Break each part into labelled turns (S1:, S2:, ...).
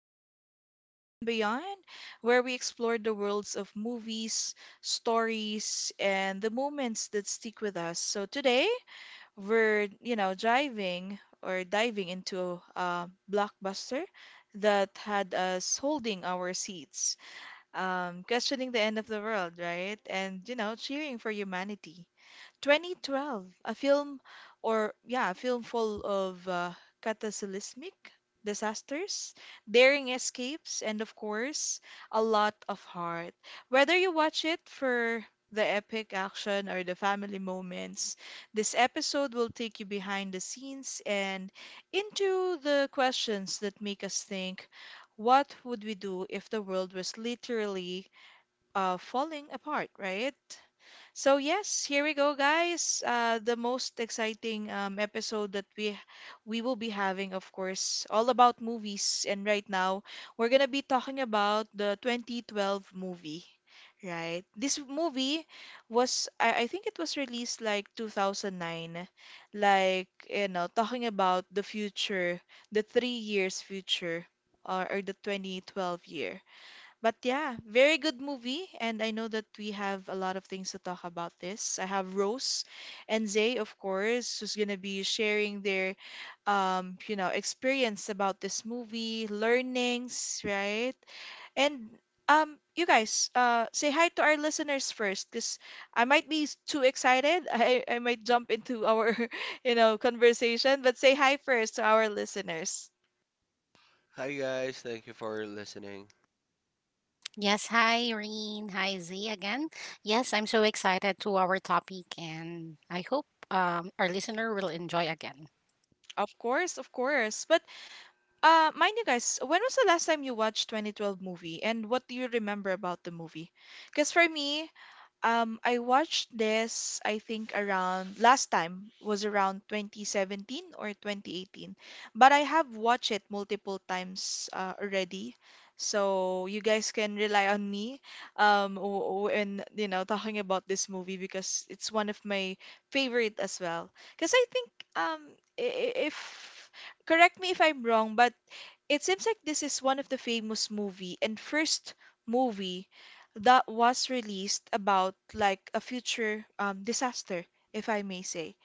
S1: back to Rain and Beyond, where we explore the worlds of movies, stories, and the moments that stick with us. So today we're, driving or diving into a blockbuster that had us holding our seats, questioning the end of the world, right? And, cheering for humanity. 2012, a film full of cataclysmic disasters, daring escapes, and of course, a lot of heart. Whether you watch it for the epic action or the family moments, this episode will take you behind the scenes and into the questions that make us think, what would we do if the world was literally falling apart, right? So yes, here we go, guys. The most exciting episode that we will be having, of course, all about movies. And right now, we're gonna be talking about the 2012 movie, right? This movie was, I think it was released like 2009, like talking about the future, the 3 years future, or the 2012 year. But yeah, very good movie. And I know that we have a lot of things to talk about this. I have Rose and Zay, of course, who's going to be sharing their, experience about this movie, learnings, right? And you guys, say hi to our listeners first, because I might be too excited. I might jump into our, conversation, but say hi first to our listeners.
S2: Hi guys, thank you for listening.
S3: Yes, hi Irene. Hi Z again. Yes, I'm so excited to our topic and I hope our listener will enjoy again.
S1: Of course, of course. But mind you guys, when was the last time you watched 2012 movie and what do you remember about the movie? Because for me, I watched this, I think around last time was around 2017 or 2018, but I have watched it multiple times already. So you guys can rely on me when talking about this movie because it's one of my favorite as well. Because I think um, if correct me if I'm wrong, but it seems like this is one of the famous movie and first movie that was released about like a future disaster, if I may say.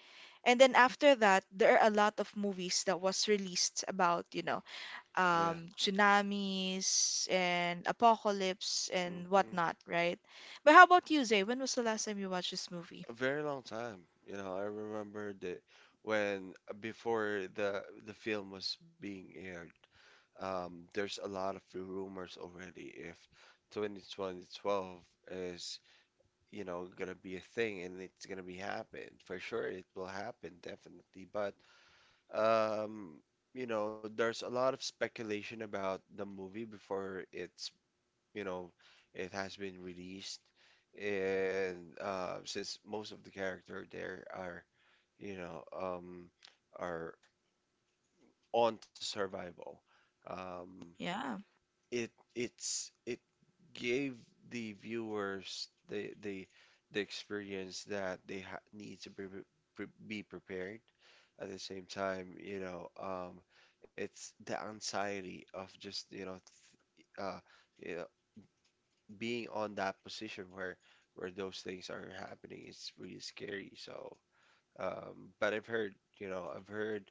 S1: And then after that, there are a lot of movies that was released about,
S2: Yeah,
S1: tsunamis and apocalypse and
S2: hmm,
S1: whatnot, right? But how about you, Zay? When was the last time you watched this movie?
S2: a very long time. You know, I remember that when before the film was being aired, there's a lot of rumors already if 2012 is, you know, gonna be a thing and it's gonna be happen for sure. It will happen definitely, but um, you know, there's a lot of speculation about the movie before You know, it has been released, and since most of the character there are, you know, um, are on to survival, um,
S1: Yeah.
S2: it gave the viewers the experience that they ha need to be, pre be prepared. At the same time, you know, it's the anxiety of just, you know, th uh, yeah, being on that position where those things are happening is really scary. So, but I've heard, I've heard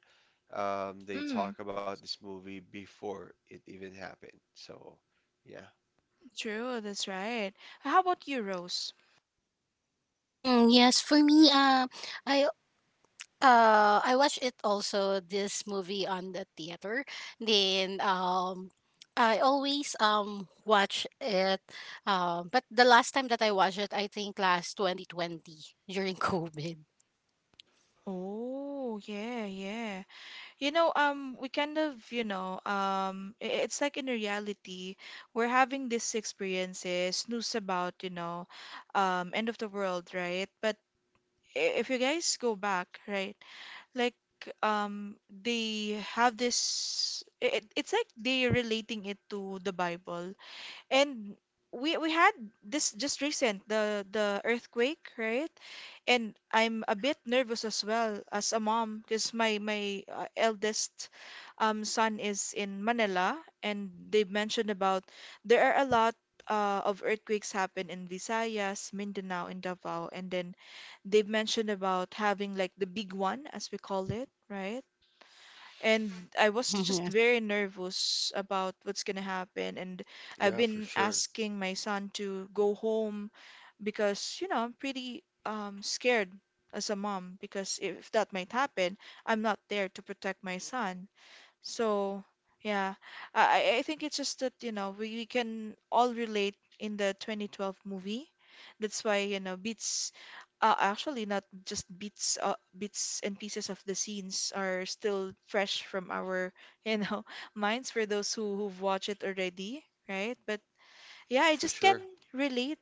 S2: they
S1: Mm,
S2: talk about this movie before it even happened. So, yeah.
S1: true, that's right. How about you, Rose?
S3: Yes, for me, I I watched it also this movie on the theater. Then I always watch it. But the last time that I watched it, I think last 2020 during COVID.
S1: Oh, yeah, yeah. We kind of, it's like in reality, we're having these experiences, news about, end of the world, right? But if you guys go back, right, like, they have this, it's like they relating it to the Bible, and we had this just recent the earthquake, right. And I'm a bit nervous as well as a mom because my eldest son is in Manila, and they mentioned about there are a lot of earthquakes happen in Visayas, Mindanao, and Davao, and then they've mentioned about having like the big one, as we call it, right, and I was just
S3: Mm-hmm,
S1: very nervous about what's gonna happen. And I've
S2: Yeah, for
S1: been
S2: sure.
S1: asking my son to go home because, I'm pretty scared as a mom because if that might happen, I'm not there to protect my son. So, yeah, I think it's just that, we can all relate in the 2012 movie. That's why, bits, actually not just bits, bits and pieces of the scenes are still fresh from our, you know, minds for those who've watched it already, right? But yeah, I
S2: For
S1: just
S2: sure.
S1: can relate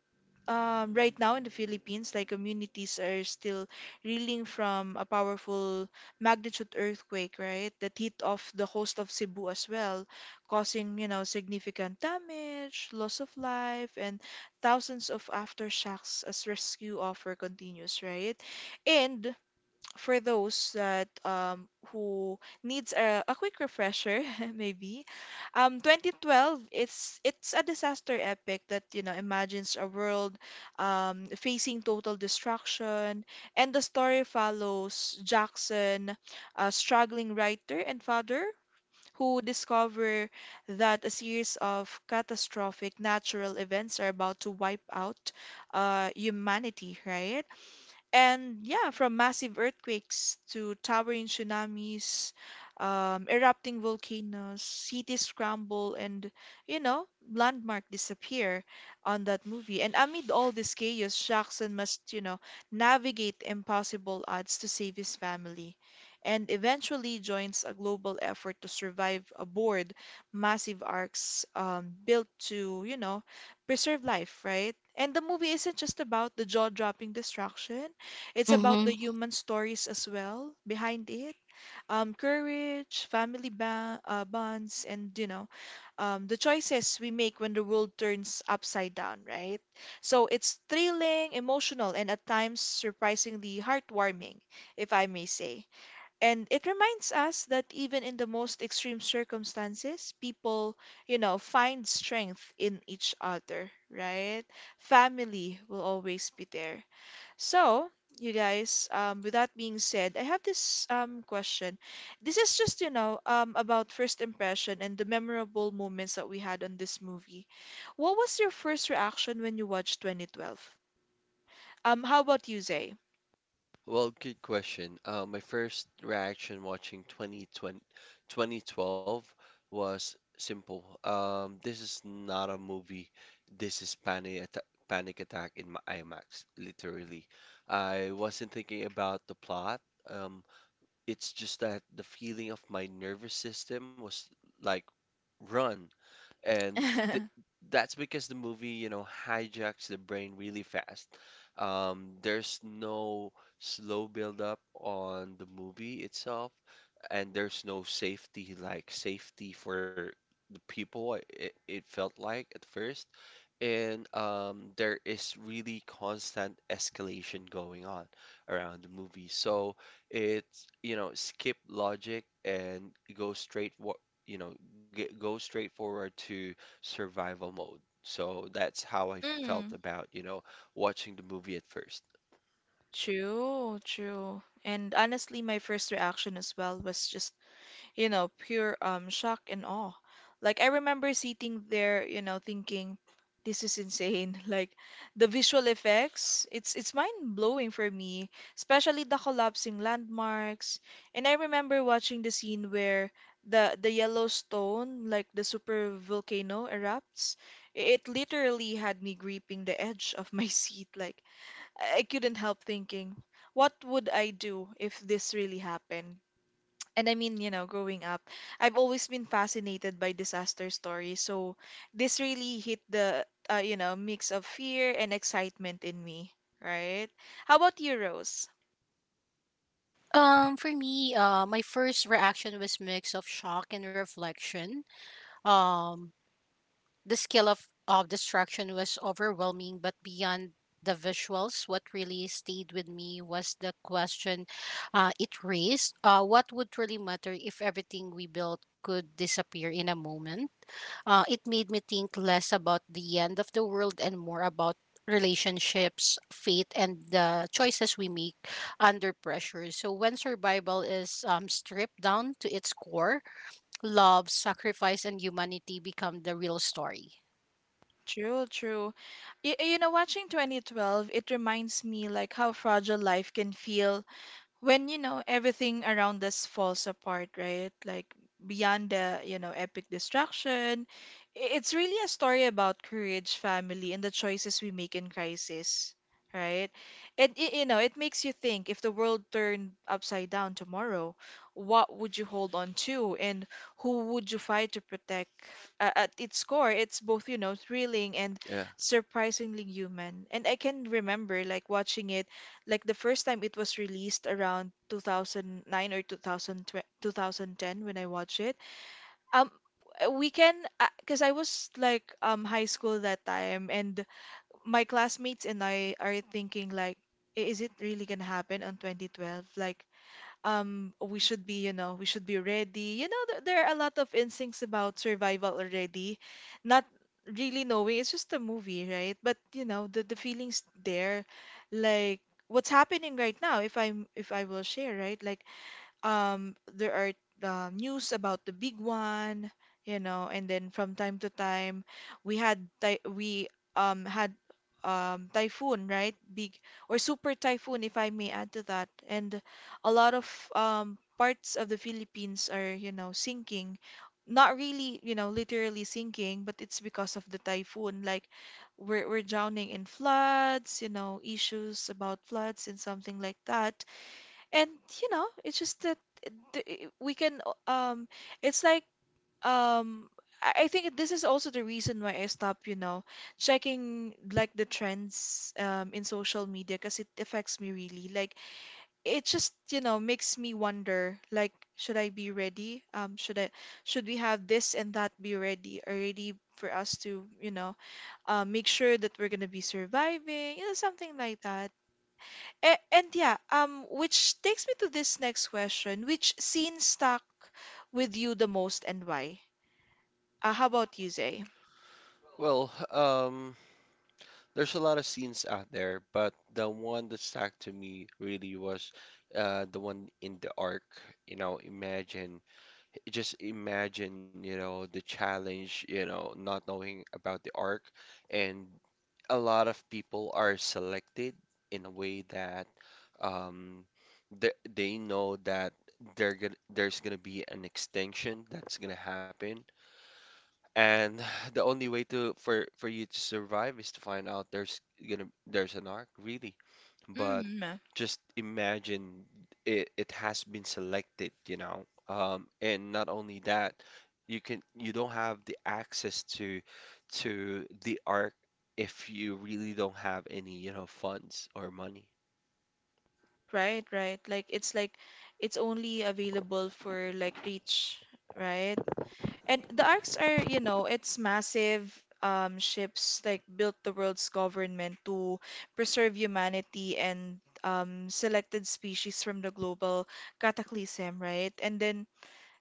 S1: right now in the Philippines, like communities are still reeling from a powerful magnitude earthquake, right? That hit off the coast of Cebu as well, causing, significant damage, loss of life, and thousands of aftershocks as rescue offer continues, right? And for those that who needs a quick refresher, maybe 2012, it's a disaster epic that imagines a world facing total destruction, and the story follows Jackson, a struggling writer and father, who discover that a series of catastrophic natural events are about to wipe out humanity, right. And yeah, from massive earthquakes to towering tsunamis, erupting volcanoes, cities crumble, and, you know, landmark disappear on that movie. And amid all this chaos, Jackson must, navigate impossible odds to save his family, and eventually joins a global effort to survive aboard massive arcs built to, preserve life, right? And the movie isn't just about the jaw-dropping destruction. It's about the
S3: yes.
S1: human stories as well behind it. Courage, family bonds, and the choices we make when the world turns upside down, right? So it's thrilling, emotional, and at times surprisingly heartwarming, if I may say. And it reminds us that even in the most extreme circumstances, people, find strength in each other, right? Family will always be there. So, you guys, with that being said, I have this question. This is just, about first impression and the memorable moments that we had on this movie. What was your first reaction when you watched 2012? How about you, Zay?
S2: Well, good question. My first reaction watching 2012 was simple. This is not a movie. This is panic attack in my IMAX, literally. I wasn't thinking about the plot. Um, it's just that the feeling of my nervous system was like, run, and th- that's because the movie, you know, hijacks the brain really fast. There's no slow build up on the movie itself, and there's no safety, like safety for the people, it felt like at first. And there is really constant escalation going on around the movie. So it's, you know, skip logic and go straight, wa- you know, g go straight forward to survival mode. So that's how I felt
S1: Mm,
S2: about, you know, watching the movie at first.
S1: true, true. And honestly, my first reaction as well was just pure shock and awe. Like I remember sitting there, thinking, this is insane. Like the visual effects, it's mind-blowing for me, especially the collapsing landmarks. And I remember watching the scene where the Yellowstone, like the super volcano erupts. It literally had me gripping the edge of my seat. Like I couldn't help thinking, what would I do if this really happened? And I mean, growing up, I've always been fascinated by disaster stories. So this really hit the, mix of fear and excitement in me, right? How about you, Rose?
S3: For me, my first reaction was mix of shock and reflection. Um, the scale of destruction was overwhelming, but beyond the visuals, what really stayed with me was the question it raised. What would really matter if everything we built could disappear in a moment? It made me think less about the end of the world and more about relationships, fate, and the choices we make under pressure. So, when survival is stripped down to its core, love, sacrifice, and humanity become the real story.
S1: True, true. Watching 2012, it reminds me like how fragile life can feel when everything around us falls apart, right? Like beyond the, epic destruction, it's really a story about courage, family, and the choices we make in crisis, right? And it makes you think if the world turned upside down tomorrow, what would you hold on to and who would you fight to protect? At its core, it's both, thrilling and
S2: Yeah.
S1: surprisingly human. And I can remember like watching it like the first time it was released around 2009 or two thousand ten when I watched it. Um, we can, because I was like high school that time, and my classmates and I are thinking like, "Is it really gonna happen on 2012? Like, we should be ready, there are a lot of instincts about survival already, not really knowing it's just a movie, right, but the feelings there, like what's happening right now if I'm if I will share, right, like there are news about the big one, and then from time to time, we had ty we had typhoon, right? Big or super typhoon if I may add to that. And a lot of parts of the Philippines are, sinking. Not really, literally sinking, but it's because of the typhoon. Like we're drowning in floods, issues about floods and something like that. And it's just that the, we can it's like um I think this is also the reason why I stopped, checking like the trends in social media because it affects me really. Like it just, makes me wonder like should I be ready? Should we have this and that be ready already for us to, make sure that we're gonna be surviving, something like that. A and yeah, which takes me to this next question. Which scene stuck with you the most and why? How about you, Zay?
S2: Well, there's a lot of scenes out there, but the one that stuck to me really was the one in the ark. You know, imagine, just imagine, you know, the challenge, you know, not knowing about the arc. And a lot of people are selected in a way that um, they know that there's going to be an extinction that's going to happen. And the only way to for you to survive is to find out there's gonna there's an arc, really. But
S1: Mm,
S2: just imagine, it has been selected, you know. And not only that, you don't have the access to the arc if you really don't have any, you know, funds or money.
S1: right, right. Like it's only available for like Reach, right? And the arcs are, it's massive ships like built the world's government to preserve humanity and selected species from the global cataclysm, right? And then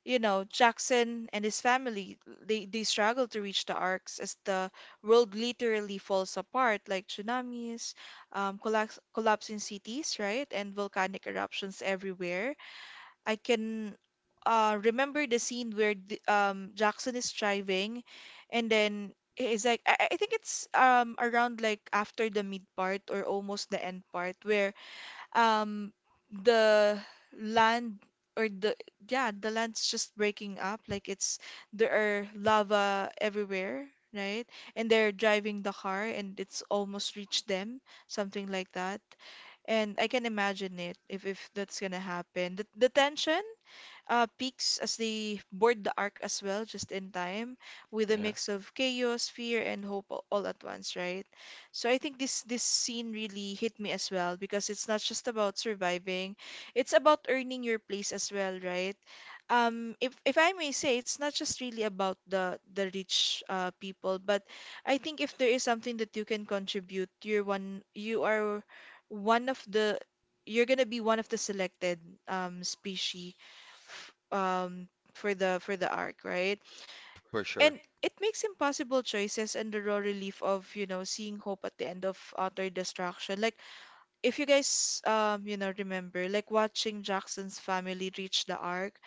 S1: Jackson and his family, they struggle to reach the arcs as the world literally falls apart, like tsunamis, collapsing cities, right? And volcanic eruptions everywhere. I can remember the scene where Jackson is driving and then it's like, I think it's around like after the mid part or almost the end part where um the land or the yeah, the land's just breaking up like it's there are lava everywhere, right? And they're driving the car and it's almost reached them, something like that. And I can imagine it. If that's gonna happen, the tension peaks as they board the ark as well, just in time, with a
S2: Yeah,
S1: mix of chaos, fear, and hope all at once, right? So I think this scene really hit me as well because it's not just about surviving, it's about earning your place as well, right? If I may say, it's not just really about the rich people, but I think if there is something that you can contribute, you are one of the you're gonna be one of the selected species um for the arc, right?
S2: for sure.
S1: And it makes impossible choices and the raw relief of, you know, seeing hope at the end of utter destruction. Like if you guys you know, remember, like watching Jackson's family reach the arc,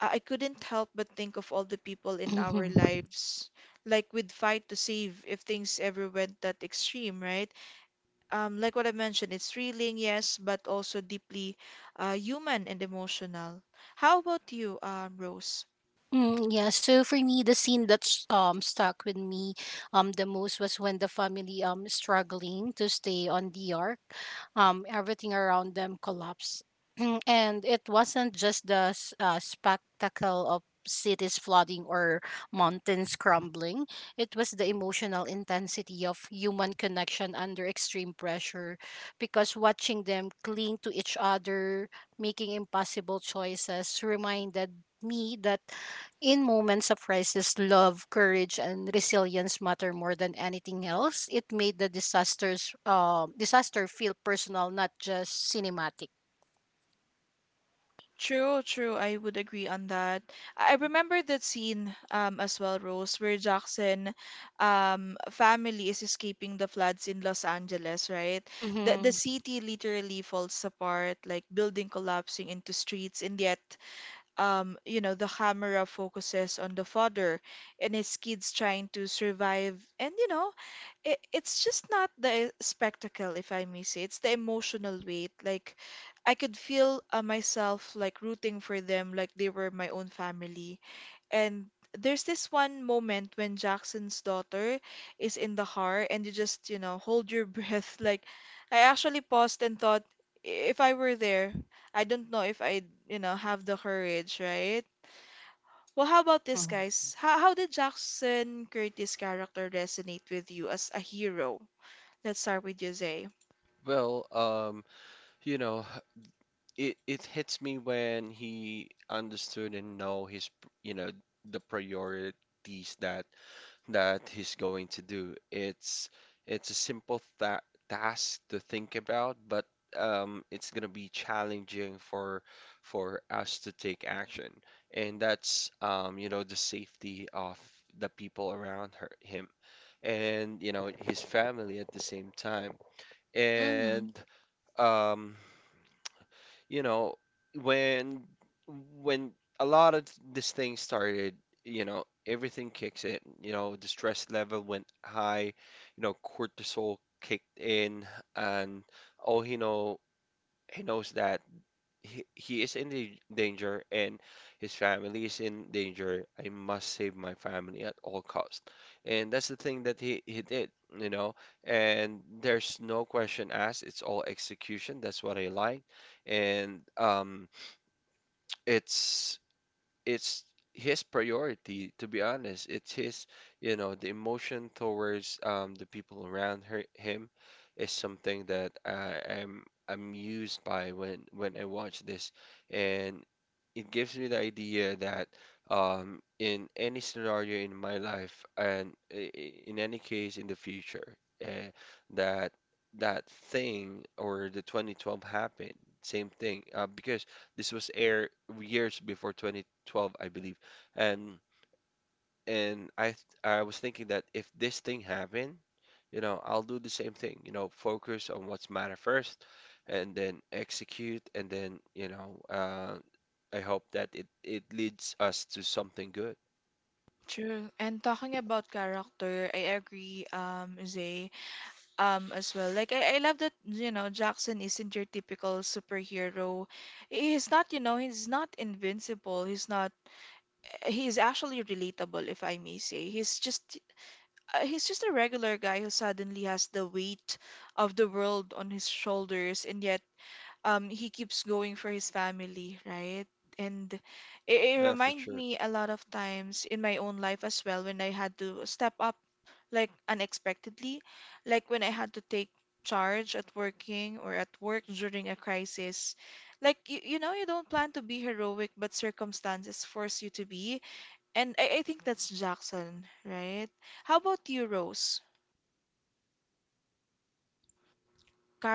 S1: I couldn't help but think of all the people in our
S3: Hmm.
S1: lives like we'd fight to save if things ever went that extreme, right? Like what I mentioned, it's thrilling, yes, but also deeply human and emotional. How about you, Rose?
S3: Yeah, so for me, the scene that's stuck with me the most was when the family struggling to stay on the ark, everything around them collapsed. And it wasn't just the spectacle of cities flooding or mountains crumbling, it was the emotional intensity of human connection under extreme pressure. Because watching them cling to each other, making impossible choices, reminded me that in moments of crisis, love, courage, and resilience matter more than anything else. It made the disaster feel personal, not just cinematic.
S1: True, true. I would agree on that. I remember that scene as well, Rose, where Jackson family is escaping the floods in Los Angeles, right? The
S3: Mm-hmm.
S1: city literally falls apart, like building collapsing into streets, and yet you know, the camera focuses on the father and his kids trying to survive, and you know, it's just not the spectacle, if I may say. It's the emotional weight. Like, I could feel myself like rooting for them, like they were my own family. And there's this one moment when Jackson's daughter is in the car, and you just, you know, hold your breath. Like, I actually paused and thought, If I were there, I don't know if I'd, you know, have the courage, right? Well, how about this,
S3: Mm-hmm.
S1: guys? How did Jackson Curtis' character resonate with you as a hero? Let's start with Jose.
S2: Well, you know, it hits me when he understood and know his, you know, the priorities that that he's going to do. It's a simple tha task to think about, but it's gonna be challenging for us to take action, and that's, you know, the safety of the people around her, him, and you know his family at the same time.
S1: Mm,
S2: And um, you know, when when a lot of this thing started, you know, everything kicks in. You know, the stress level went high, you know, cortisol kicked in, and oh, he know he knows that he is in the danger and his family is in danger. I must save my family at all cost. And that's the thing that he did, you know. And there's no question asked. It's all execution. That's what I like. And it's it's his priority, to be honest. It's his, you know, the emotion towards, the people around her, him is something that I am amused by when I watch this. And it gives me the idea that, in any scenario in my life and in any case in the future, uh, that that thing or the 2012 happened, same thing, because this was aired years before 2012, I believe. And I was thinking that if this thing happened, you know, I'll do the same thing, you know, focus on what's matter first and then execute and then, you know, I hope that it leads us to something good.
S1: true. And talking about character, I agree, Zay, as well. Like I love that, you know, Jackson isn't your typical superhero. He's not, you know, he's not invincible. He's not. He's actually relatable, if I may say. He's just a regular guy who suddenly has the weight of the world on his shoulders, and yet he keeps going for his family, right? And it
S2: Yeah, for
S1: remind
S2: sure.
S1: me a lot of times in my own life as well when I had to step up like unexpectedly, like when I had to take charge at working or at work during a crisis. Like you know, you don't plan to be heroic, but circumstances force you to be. And I think that's Jackson, right? How about you, Rose?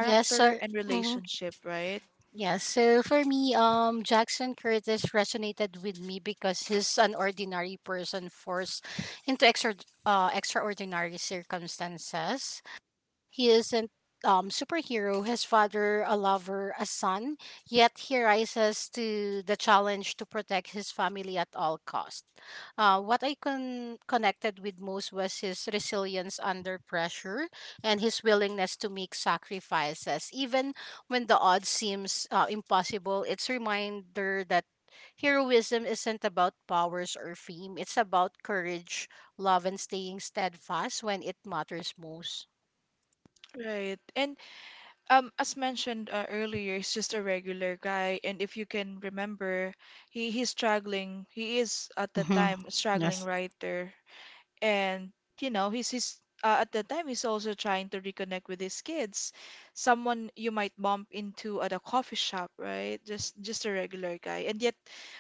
S3: Yes, sir.
S1: and
S3: Mm-hmm.
S1: relationship, right?
S3: Yes. So for me, Jackson Curtis resonated with me because he's an ordinary person forced into extraordinary circumstances. He isn't superhero, his father a lover, a son, yet he rises to the challenge to protect his family at all cost. What I connected with most was his resilience under pressure and his willingness to make sacrifices. Even when the odds seems impossible, it's reminder that heroism isn't about powers or fame. It's about courage, love, and staying steadfast when it matters most.
S1: Right. And as mentioned earlier, he's just a regular guy, and if you can remember, he's struggling. He is at the
S3: Mm-hmm.
S1: time a struggling
S3: Yes.
S1: writer, and you know he's at that time he's also trying to reconnect with his kids. Someone you might bump into at a coffee shop, right? Just a regular guy, and yet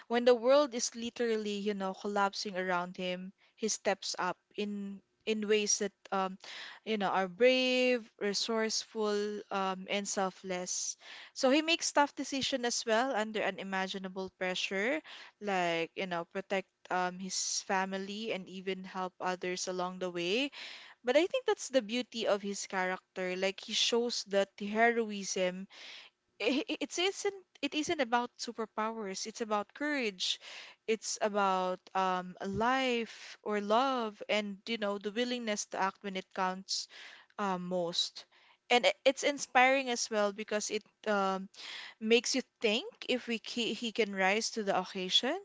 S1: when the world is literally, you know, collapsing around him, he steps up in ways that you know are brave, resourceful, and selfless. So he makes tough decisions as well under unimaginable pressure, like, you know, protect his family and even help others along the way. But I think that's the beauty of his character. Like he shows that the heroism it isn't, it isn't about superpowers. It's about courage. It's about life or love, and you know, the willingness to act when it counts most. And it's inspiring as well because it um, makes you think if he can rise to the occasion,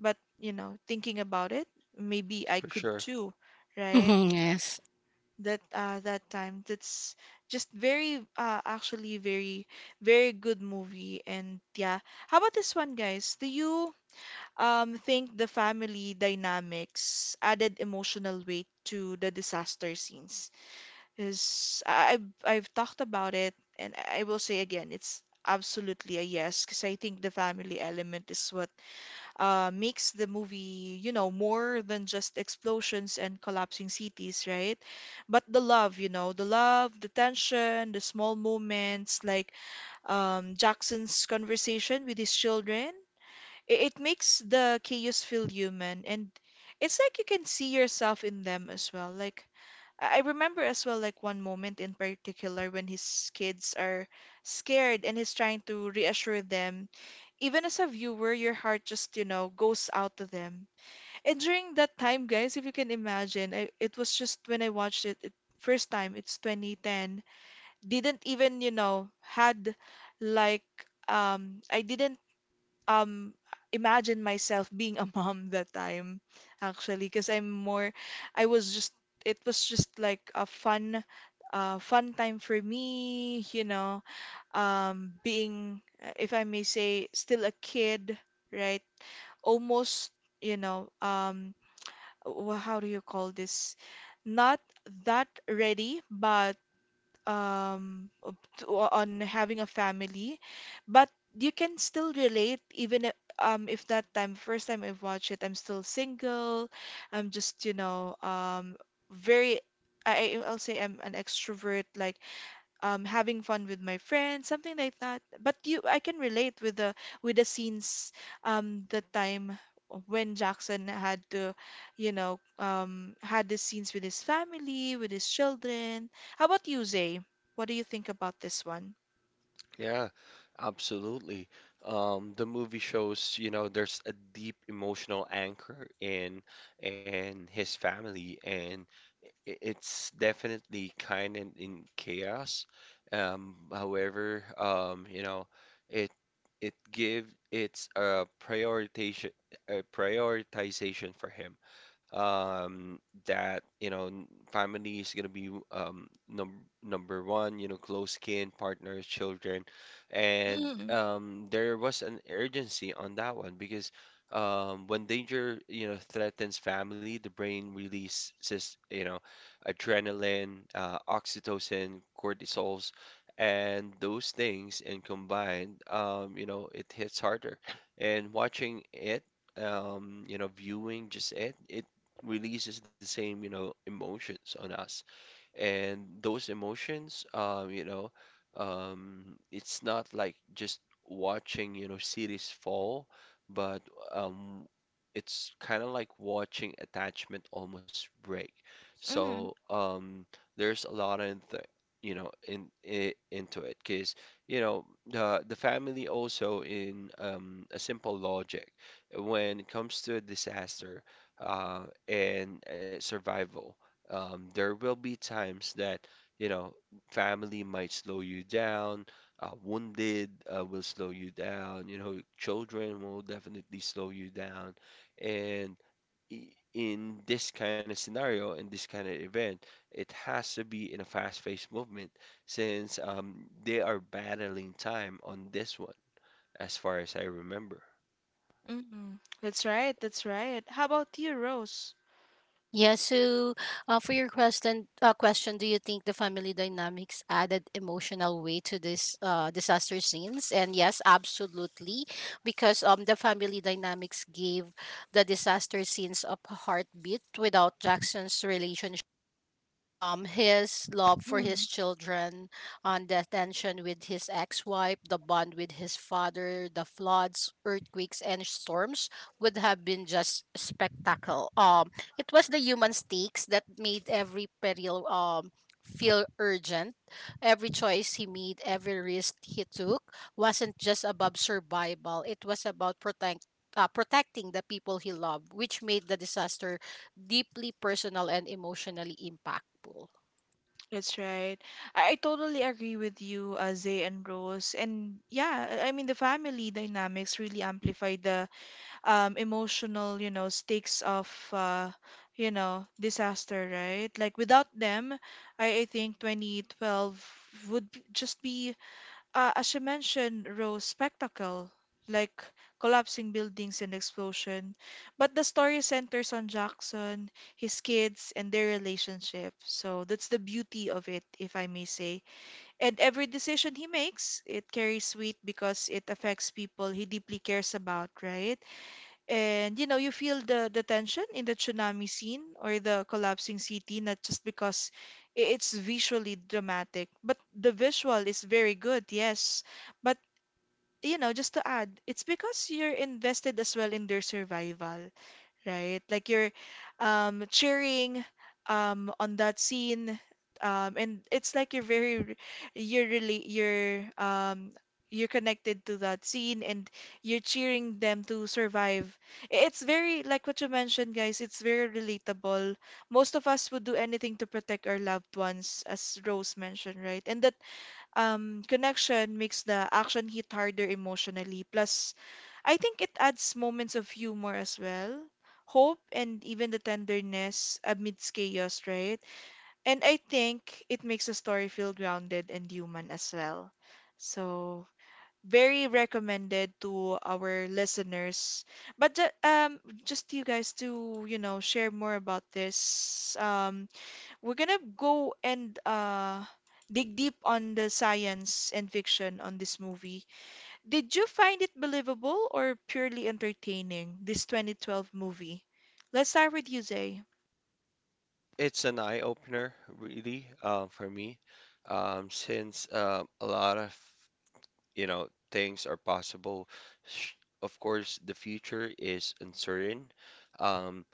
S1: but, you know, thinking about it, maybe I
S2: For
S1: could
S2: sure.
S1: too, right?
S3: Mm-hmm. Yes.
S1: That that time. That's just very actually very good movie. And yeah. How about this one, guys? Do you think the family dynamics added emotional weight to the disaster scenes? Because I've talked about it and I will say again, it's absolutely a yes because I think the family element is what makes the movie, you know, more than just explosions and collapsing cities, right? But the love, you know, the love, the tension, the small moments, like Jackson's conversation with his children, it makes the chaos feel human. And it's like you can see yourself in them as well. Like, I remember as well, like one moment in particular when his kids are scared and he's trying to reassure them. Even as a viewer, your heart just, you know, goes out to them. And during that time, guys, if you can imagine, it was just when I watched it, it first time, it's 2010. Didn't even, you know, had like I didn't um imagine myself being a mom that time actually because I was just it was just like a fun fun time for me, you know, being if I may say, still a kid, right? Almost, you know, how do you call this? Not that ready, but um to, on having a family, but you can still relate even if that time first time I watched it, I'm still single. I'm just, you know, very I'll say I'm an extrovert like having fun with my friends, something like that. But you, I can relate with the scenes, the time when Jackson had to, you know, had the scenes with his family, with his children. How about you, Zay? What do you think about this one?
S2: Yeah, absolutely. The movie shows, you know, there's a deep emotional anchor in his family, and it's definitely kind and in chaos. However, you know, it it give it's a prioritization, a prioritization for him. Um, that, you know, family is gonna be, um, number one. You know, close kin, partners, children. And
S1: Mm,
S2: there was an urgency on that one because when danger, you know, threatens family, the brain releases, you know, adrenaline, oxytocin, cortisols, and those things, and combined, you know, it hits harder. And watching it, you know, viewing just it releases the same, you know, emotions on us. And those emotions, um, you know, um, it's not like just watching, you know, cities fall, but um it's kind of like watching attachment almost break. So
S1: mm,
S2: there's a lot of th you know in, I into it, because you know the family also, in a simple logic, when it comes to a disaster, uh and survival, there will be times that, you know, family might slow you down, wounded, will slow you down, you know, children will definitely slow you down. And in this kind of scenario, in this kind of event, it has to be in a fast-paced movement, since, they are battling time on this one, as far as I remember.
S1: mm, that's right, that's right. How about you, Rose?
S3: Yeah, so for your question, question, do you think the family dynamics added emotional weight to this disaster scenes? And yes, absolutely, because the family dynamics gave the disaster scenes a heartbeat without Jackson's relationship, his love for his
S1: Mm.
S3: children, on the tension with his ex-wife, the bond with his father, the floods, earthquakes, and storms would have been just spectacle. It was the human stakes that made every peril feel urgent. Every choice he made, every risk he took, wasn't just about survival. It was about protect. Protecting the people he loved, which made the disaster deeply personal and emotionally impactful.
S1: That's right. I totally agree with you, Zay and Rose. And yeah, I mean, the family dynamics really amplify the emotional, you know, stakes of you know, disaster, right? Like without them, I think 2012 would just be as you mentioned, Rose, spectacle, like collapsing buildings and explosion. But the story centers on Jackson, his kids, and their relationship. So that's the beauty of it, if I may say. And every decision he makes, it carries weight because it affects people he deeply cares about, right? And you know, you feel the tension in the tsunami scene or the collapsing city, not just because it's visually dramatic, but the visual is very good, yes. But you know, just to add, it's because you're invested as well in their survival, right? Like you're cheering on that scene, and it's like you're really you're um, you're connected to that scene, and you're cheering them to survive. It's very like what you mentioned, guys. It's very relatable. Most of us would do anything to protect our loved ones, as Rose mentioned, right? And that connection makes the action hit harder emotionally. Plus I think it adds moments of humor as well, hope, and even the tenderness amidst chaos, right? And I think it makes a story feel grounded and human as well. So, very recommended to our listeners. But just you guys to, you know, share more about this. We're gonna go and dig deep on the science and fiction on this movie. Did you find it believable or purely entertaining, this 2012 movie? Let's start with you, Zay.
S2: It's an eye-opener, really, for me, since a lot of, you know, things are possible. Sh- Of course, the future is uncertain. Um,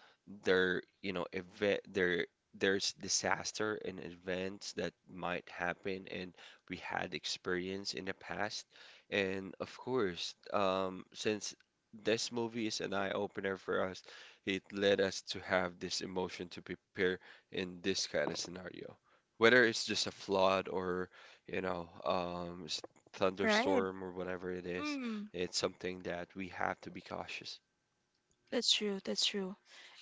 S2: you know, event there there's disaster and events that might happen, and we had experience in the past. And of course, since this movie is an eye opener for us, it led us to have this emotion to prepare in this kind of scenario. Whether it's just a flood or, you know,
S1: Right.
S2: thunderstorm or whatever it is,
S1: Mm,
S2: it's something that we have to be cautious.
S1: that's true, that's true.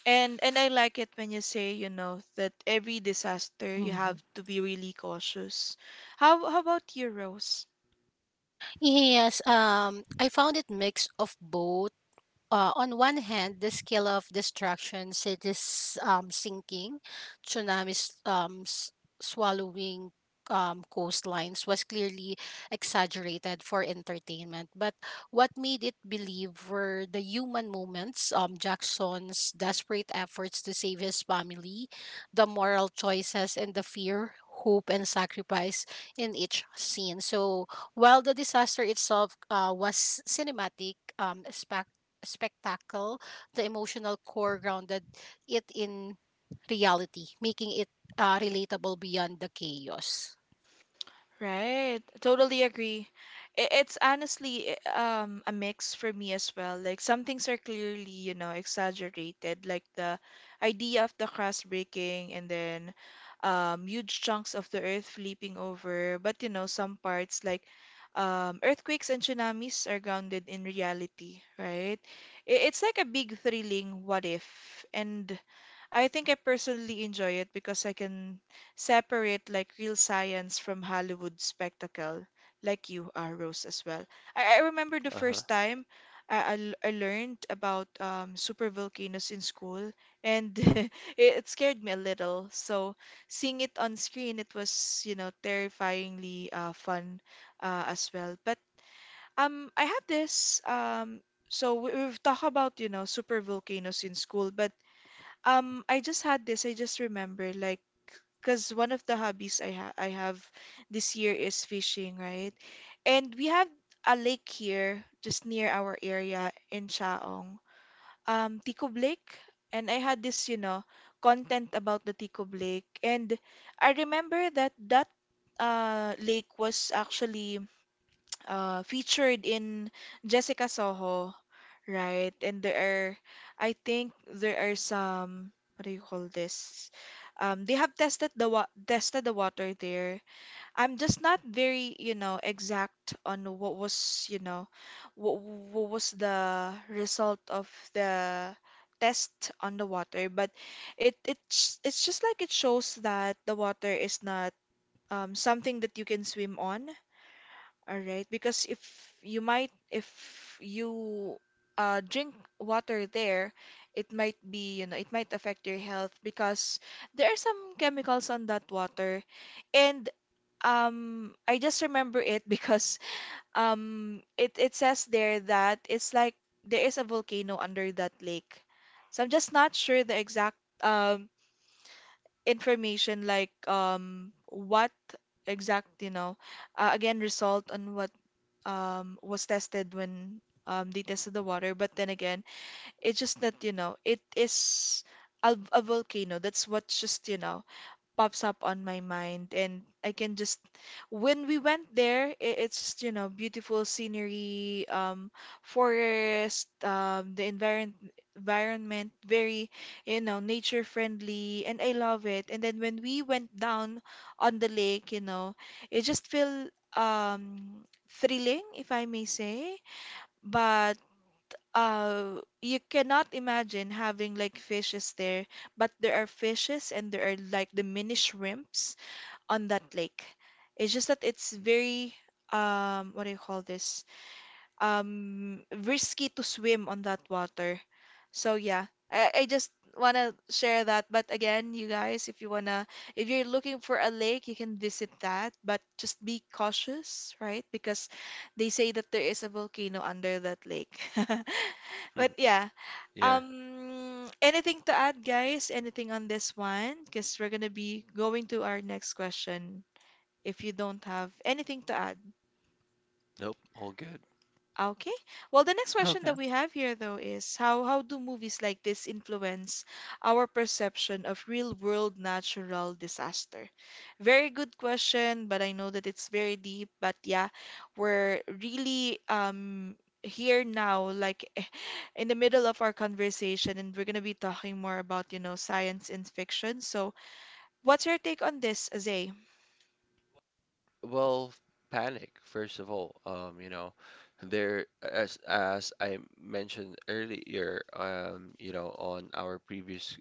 S1: And I like it when you say, you know, that every disaster you
S3: Mhm.
S1: have to be really cautious. How about you, Rose?
S3: Yes, I found it mix of both. Uh, on one hand, the scale of destruction, cities sinking, tsunamis swallowing coastlines was clearly exaggerated for entertainment. But what made it believe were the human moments, Jackson's desperate efforts to save his family, the moral choices, and the fear. Hope and sacrifice in each scene. So while the disaster itself was cinematic, spectacle, the emotional core grounded it in reality, making it relatable beyond the chaos.
S1: Right. Totally agree. It's honestly a mix for me as well. Like some things are clearly, you know, exaggerated, like the idea of the crust breaking and then huge chunks of the earth flipping over. But you know, some parts like earthquakes and tsunamis are grounded in reality, right? It's like a big thrilling what if. And I think I personally enjoy it because I can separate like real science from Hollywood spectacle, like you are, Rose, as well. I remember the
S2: Uh-huh.
S1: first time I I learned about super volcanoes in school, and it scared me a little. So seeing it on screen, it was, you know, terrifyingly fun as well. But I have this. So we've talked about, you know, super volcanoes in school, but I just had this. I just remember, like, because one of the hobbies I have this year is fishing, right? And we have a lake here, just near our area in Chaong, Ticob Lake. And I had this, you know, content about the Ticob Lake. And I remember that lake was actually featured in Jessica Soho. Right. And there are, I think there are some, what do you call this? They have tested the wa tested the water there. I'm just not very, you know, exact on what was, you know, what was the result of the test on the water, but it's just like it shows that the water is not something that you can swim on. All right, because if you might, if you drink water there, it might be, you know, it might affect your health because there are some chemicals on that water. And I just remember it because it says there that it's like there is a volcano under that lake. So I'm just not sure the exact um, information, like what exact, you know, again, result on what was tested when they tested the water. But then again, it's just that, you know, it is a volcano. That's what just, you know, pops up on my mind and I can just when we went there it's just, you know, beautiful scenery, forest, the environment environment very, you know, nature friendly, and I love it. And then when we went down on the lake, you know, it just feel um thrilling, if I may say. But you cannot imagine having like fishes there, but there are fishes and there are like the mini shrimps on that lake. It's just that it's very what do you call this? Risky to swim on that water. So yeah, I just wanna share that. But again, you guys, if you wanna, if you're looking for a lake, you can visit that. But just be cautious, right? Because they say that there is a volcano under that lake.
S2: Hmm.
S1: But yeah,
S2: Yeah,
S1: anything to add, guys? Anything on this one? Because we're gonna be going to our next question. If you don't have anything to add.
S2: nope, all good.
S1: Okay. Well, the next question that we have here, though, is how do movies like this influence our perception of real-world natural disaster? Very good question, but I know that it's very deep. But yeah, we're really here now, like in the middle of our conversation, and we're gonna be talking more about, you know, science and fiction. So, what's your take on this, Azay?
S2: Well, panic, first of all. You know, there as I mentioned earlier, you know, on our previous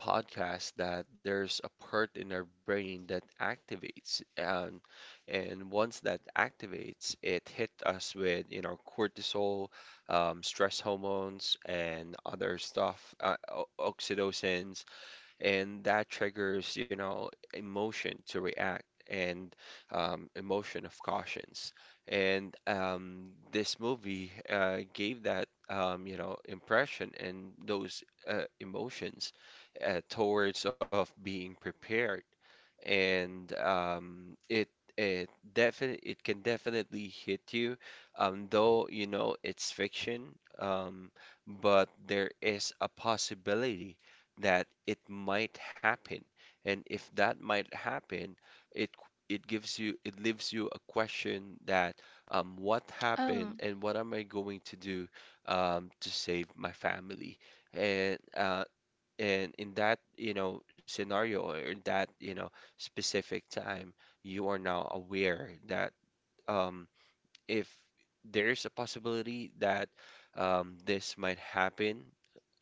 S2: podcast, that there's a part in our brain that activates, and once that activates, it hit us with, you know, cortisol, stress hormones, and other stuff, o- oxytocin, and that triggers, you know, emotion to react and, emotion of cautions. And this movie, gave that, you know, impression and those, emotions, towards of being prepared. And it it definite it can definitely hit you, though you know it's fiction. Um, but there is a possibility that it might happen. And if that might happen, it it gives you, it leaves you a question that, what
S1: Oh.
S2: happened and what am I going to do, to save my family? And in that, you know, scenario, or in that, you know, specific time, you are now aware that, um, if there's a possibility that, this might happen.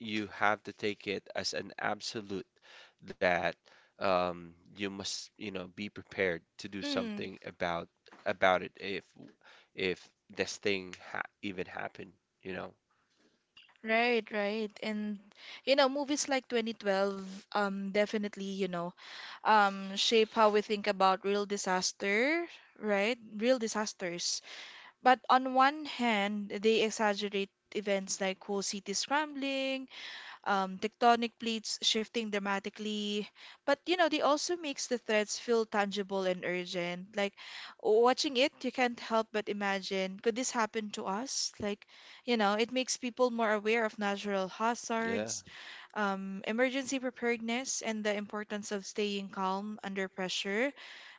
S2: You have to take it as an absolute that, you must, you know, be prepared to do something about it if if this thing ha even happened, you know.
S1: Right, right. And you know, movies like 2012 definitely, you know, shape how we think about real disaster, right? Real disasters. But on one hand, they exaggerate events like whole city scrambling, tectonic plates shifting dramatically. But you know, they also makes the threats feel tangible and urgent. Like watching it, you can't help but imagine, could this happen to us? Like, you know, it makes people more aware of natural
S2: Yeah,
S1: hazards, emergency preparedness, and the importance of staying calm under pressure.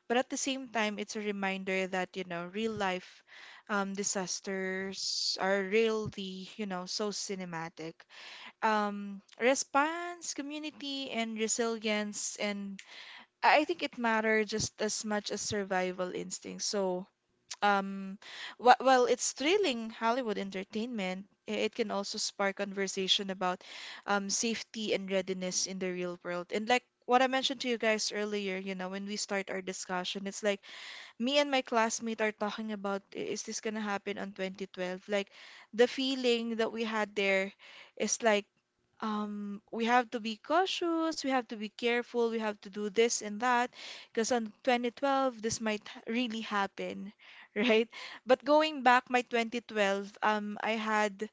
S1: But at the same time, it's a reminder that, you know, real life disasters are really, you know, so cinematic response, community, and resilience. And I think it matters just as much as survival instinct. So, um, while it's thrilling Hollywood entertainment, it can also spark conversation about safety and readiness in the real world. And like what I mentioned to you guys earlier, you know, when we start our discussion, it's like me and my classmate are talking about is this gonna happen on 2012? Like the feeling that we had there is like we have to be cautious, we have to be careful, we have to do this and that, because on 2012, this might really happen," right? But going back, my 2012, I had,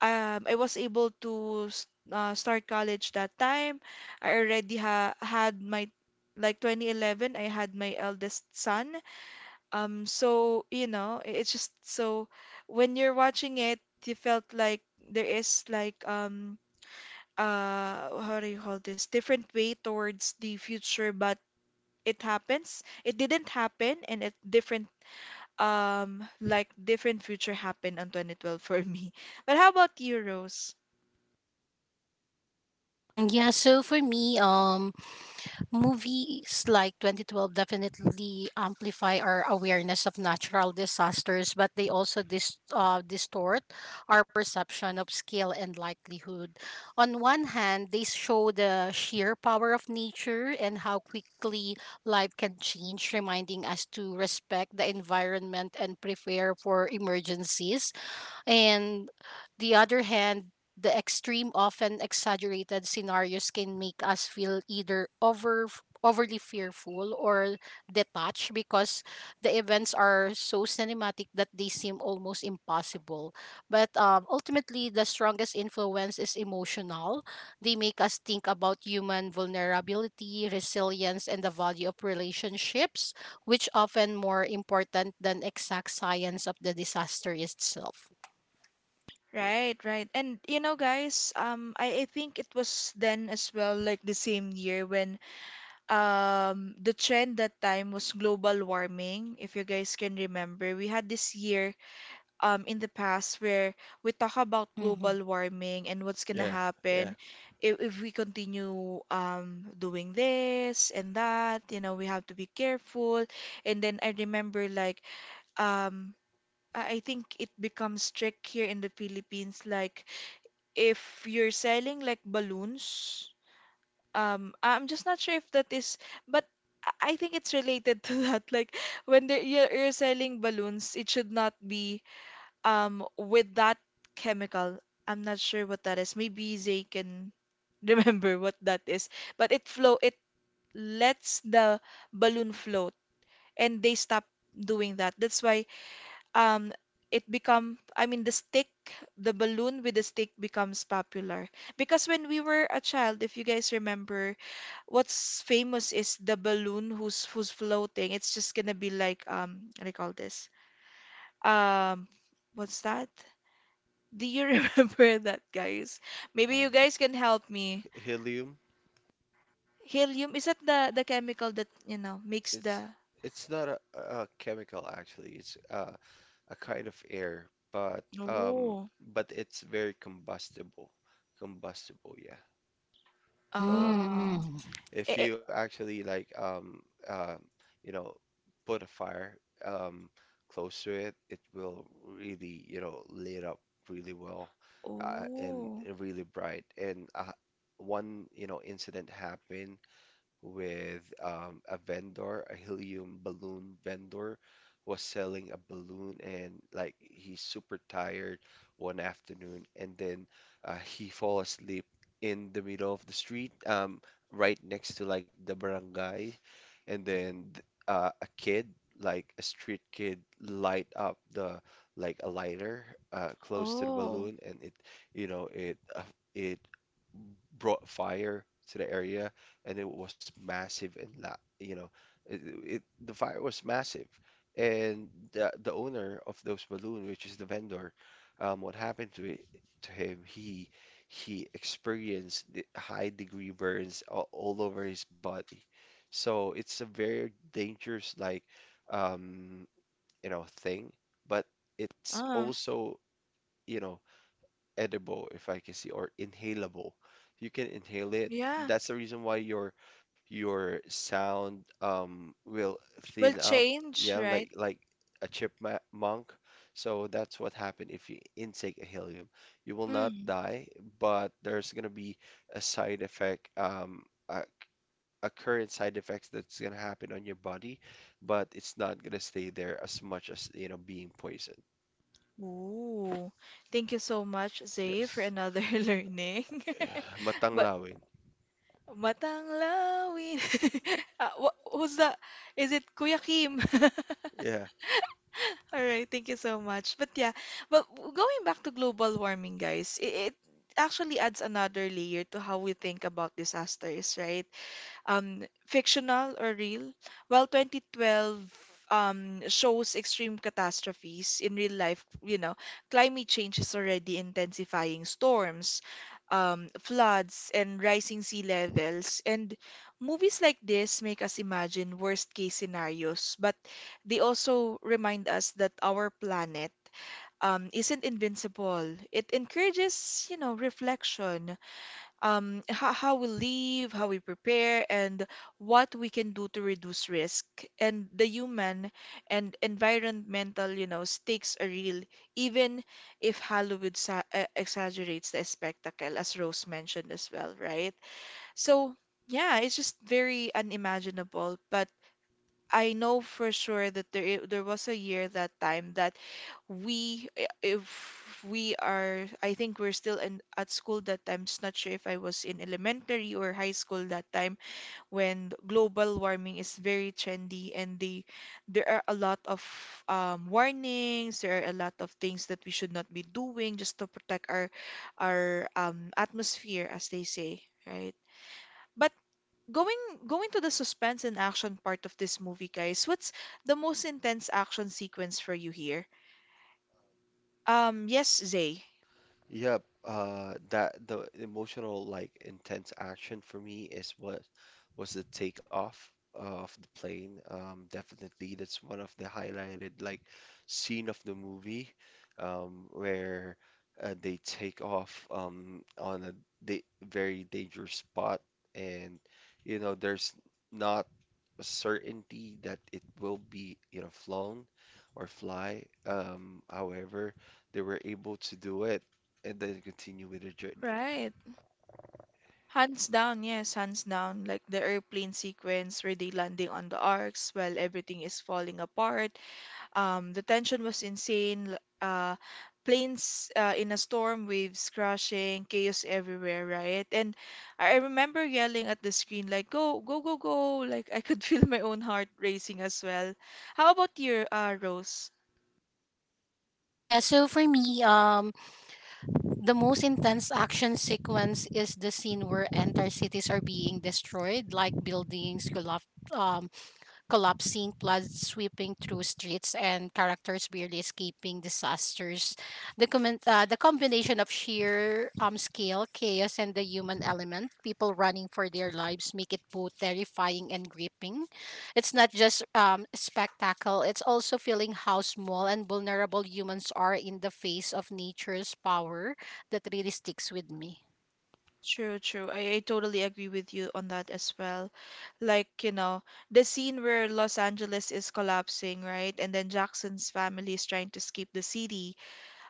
S1: um, I was able to start college that time. I already ha had my, like 2011, I had my eldest son. So, you know, it's just so when you're watching it, you felt like there is like, how do you call this, different way towards the future, but it happens, it didn't happen, and it different like different future happened on 2012 for me. But how about you, Rose?
S3: Yeah, so for me, movies like 2012 definitely amplify our awareness of natural disasters, but they also distort our perception of scale and likelihood. On one hand, they show the sheer power of nature and how quickly life can change, reminding us to respect the environment and prepare for emergencies. And the other hand, the extreme, often exaggerated scenarios can make us feel either overly fearful or detached because the events are so cinematic that they seem almost impossible. But ultimately, the strongest influence is emotional. They make us think about human vulnerability, resilience, and the value of relationships, which often more important than exact science of the disaster itself.
S1: Right, right. And you know, guys, I think it was then as well, like the same year, when the trend that time was global warming. If you guys can remember, we had this year in the past where we talk about
S3: Mhm.
S1: global warming and what's gonna
S2: yeah, yeah.
S1: happen if we continue doing this and that, you know, we have to be careful. And then I remember like um I think it becomes strict here in the Philippines, like if you're selling like balloons, I'm just not sure if that is, but I think it's related to that. Like when they're, you're selling balloons, it should not be with that chemical. I'm not sure what that is. Maybe Zay can remember what that is. But it lets the balloon float and they stop doing that. That's why um it become, I mean, the balloon with the stick becomes popular, because when we were a child, if you guys remember, what's famous is the balloon who's floating. It's just gonna be like what do you call this, um what's that? Do you remember that, guys? Maybe
S2: Uh,
S1: you guys can help me.
S2: helium.
S1: Helium, is that the chemical that, you know, makes
S2: It's
S1: the
S2: it's not a, a chemical actually. It's, a kind of air,
S1: Oh.
S2: but it's very combustible. Combustible, yeah. So it,
S1: Ah.
S3: Mm.
S1: Eh,
S2: if
S1: eh,
S2: you actually like, um, you know, put a fire, um, close to it, it will really, you know, lit up really well, and
S1: Oh.
S2: really bright. And one, you know, incident happened with, a vendor, a helium balloon vendor, was selling a balloon, and like he's super tired one afternoon, and then he fall asleep in the middle of the street, right next to like the barangay, and then a kid, like a street kid, light up the like a lighter, close to the
S1: Oh.
S2: balloon, and it, you know, it it brought fire to the area, and it was massive and la you know, it, it the fire was massive, and the owner of those balloon, which is the vendor, what happened to it, to him? He experienced the high degree burns all over his body, so it's a very dangerous, like, um, you know, thing, but it's
S1: Ah.
S2: also, you know, edible, if I can see, or inhalable. You can inhale it.
S1: Yeah.
S2: That's the reason why your sound, will
S1: Will
S2: thin up.
S1: change,
S2: Yeah,
S1: right?
S2: like a chipmunk. So that's what happened if you intake a helium. You will not
S1: Mm.
S2: die, but there's gonna be a side effect, a current side effects that's gonna happen on your body, but it's not gonna stay there as much as, you know, being poisoned.
S1: Ooh. Thank you so much, Zay, for
S2: Yes.
S1: another learning. But
S2: Matanglawin.
S1: Matanglawin. Ah, who's that? Is it Kuya Kim?
S2: Yeah.
S1: All right, thank you so much. But yeah, but going back to global warming, guys, it actually adds another layer to how we think about disasters, right? Um, fictional or real? Well, 2012 shows extreme catastrophes in real life. You know, climate change is already intensifying storms, floods, and rising sea levels. And movies like this make us imagine worst-case scenarios, but they also remind us that our planet isn't invincible. It encourages, you know, reflection, how we live, how we prepare, and what we can do to reduce risk. And the human and environmental, you know, stakes are real, even if Hollywood sa exaggerates the spectacle, as Rose mentioned as well, right? So, yeah, it's just very unimaginable, but I know for sure that there there was a year that time that we if we are, I think we're still in at school that time. Just not sure if I was in elementary or high school that time when global warming is very trendy and they there are a lot of warnings, there are a lot of things that we should not be doing just to protect our atmosphere as they say, right? But going going to the suspense and action part of this movie, guys, what's the most intense action sequence for you here? Yes, Zay.
S2: Yep, that the emotional like intense action for me is what was the takeoff of the plane. Definitely, that's one of the highlighted like scene of the movie, where they take off, on a da very dangerous spot, and you know there's not a certainty that it will be, you know, flown or fly. However, they were able to do it and then continue with the journey.
S1: Right. Hands down, yes, hands down. Like the airplane sequence where they landing on the arcs while everything is falling apart. The tension was insane. Planes in a storm, waves crashing, chaos everywhere, right? And I remember yelling at the screen like, "Go, go, go, go!" Like I could feel my own heart racing as well. How about your Rose?
S3: Yeah, so for me, the most intense action sequence is the scene where entire cities are being destroyed, like buildings collapse, um, collapsing, floods sweeping through streets, and characters barely escaping disasters. The combination of sheer scale, chaos, and the human element, people running for their lives, make it both terrifying and gripping. It's not just spectacle, it's also feeling how small and vulnerable humans are in the face of nature's power that really sticks with me.
S1: True, true. I totally agree with you on that as well. Like, you know, the scene where Los Angeles is collapsing, right? And then Jackson's family is trying to escape the city.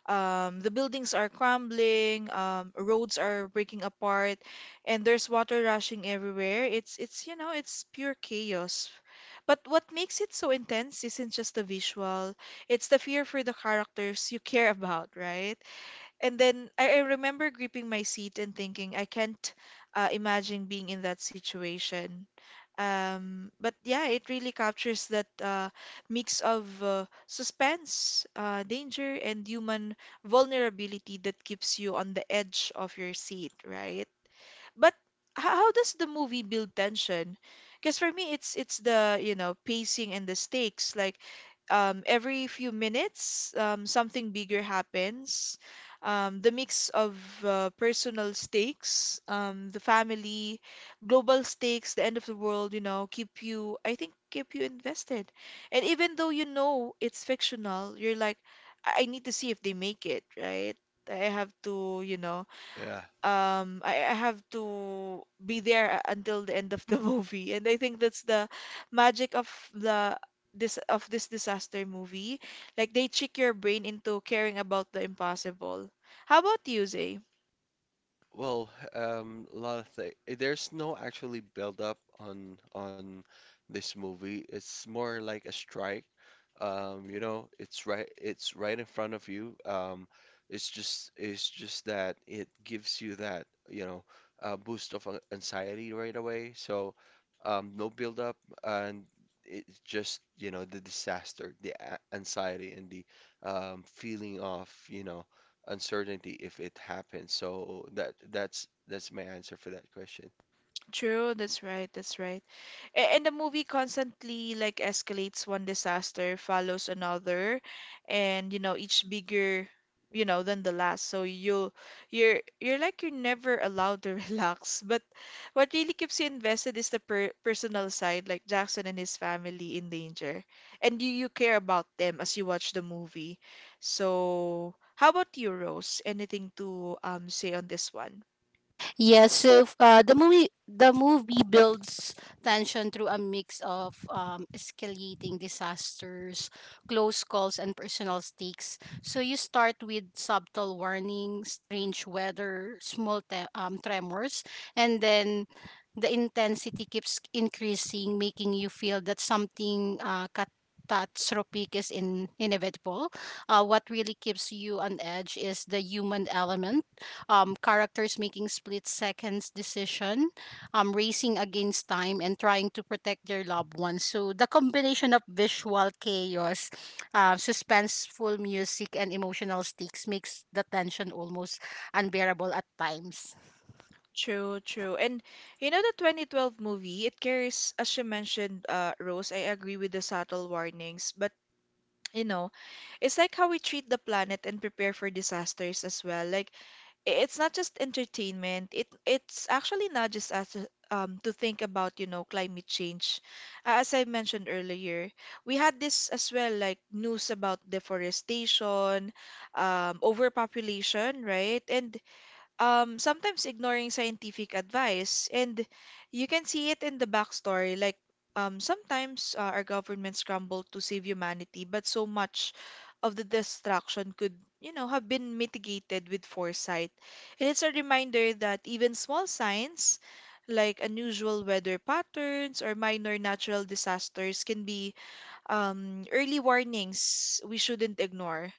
S1: The buildings are crumbling, roads are breaking apart, and there's water rushing everywhere. It's you know, it's pure chaos. But what makes it so intense isn't just the visual, it's the fear for the characters you care about, right? And then I remember gripping my seat and thinking, I can't imagine being in that situation. But yeah, it really captures that mix of suspense, danger, and human vulnerability that keeps you on the edge of your seat, right? But how does the movie build tension? Because for me, it's the, you know, pacing and the stakes. Like every few minutes, something bigger happens. The mix of personal stakes, the family, global stakes, the end of the world, keep you, I think, keep you invested. And even though you know it's fictional, you're like, I need to see if they make it, right? I have to,
S2: Yeah.
S1: I have to be there until the end of the movie, and I think that's the magic of the this of this disaster movie. Like, they trick your brain into caring about the impossible. How about you, Zay?
S2: Well, a lot of things. There's no actually build up on this movie. It's more like a strike. You know, it's right in front of you. It's just that it gives you that, you know, boost of anxiety right away. So, no build up, and it's just, you know, the disaster, the anxiety and the, feeling of, you know, uncertainty if it happens. So that's my answer for that question.
S1: True, that's right, that's right. And the movie constantly like escalates one disaster, follows another, and you know, each bigger, you know, than the last. So you're like you're never allowed to relax. But what really keeps you invested is the personal side, like Jackson and his family in danger. And you care about them as you watch the movie. So how about you, Rose? Anything to say on this one?
S3: Yes, so the movie builds tension through a mix of escalating disasters, close calls, and personal stakes. So you start with subtle warnings, strange weather, small tremors, and then the intensity keeps increasing, making you feel that something catastrophic is in inevitable. What really keeps you on edge is the human element, characters making split seconds decision, racing against time, and trying to protect their loved ones. So the combination of visual chaos, suspenseful music, and emotional stakes makes the tension almost unbearable at times.
S1: True, true. And you know, the 2012 movie, it carries, as you mentioned, Rose, I agree with the subtle warnings, but you know, it's like how we treat the planet and prepare for disasters as well. Like it's not just entertainment, it it's actually nudges us to think about, you know, climate change. As I mentioned earlier, we had this as well, like news about deforestation, overpopulation, right? And sometimes ignoring scientific advice. And you can see it in the backstory. Like, sometimes our governments scramble to save humanity, but so much of the destruction could, you know, have been mitigated with foresight. And it's a reminder that even small signs, like unusual weather patterns or minor natural disasters, can be early warnings we shouldn't ignore.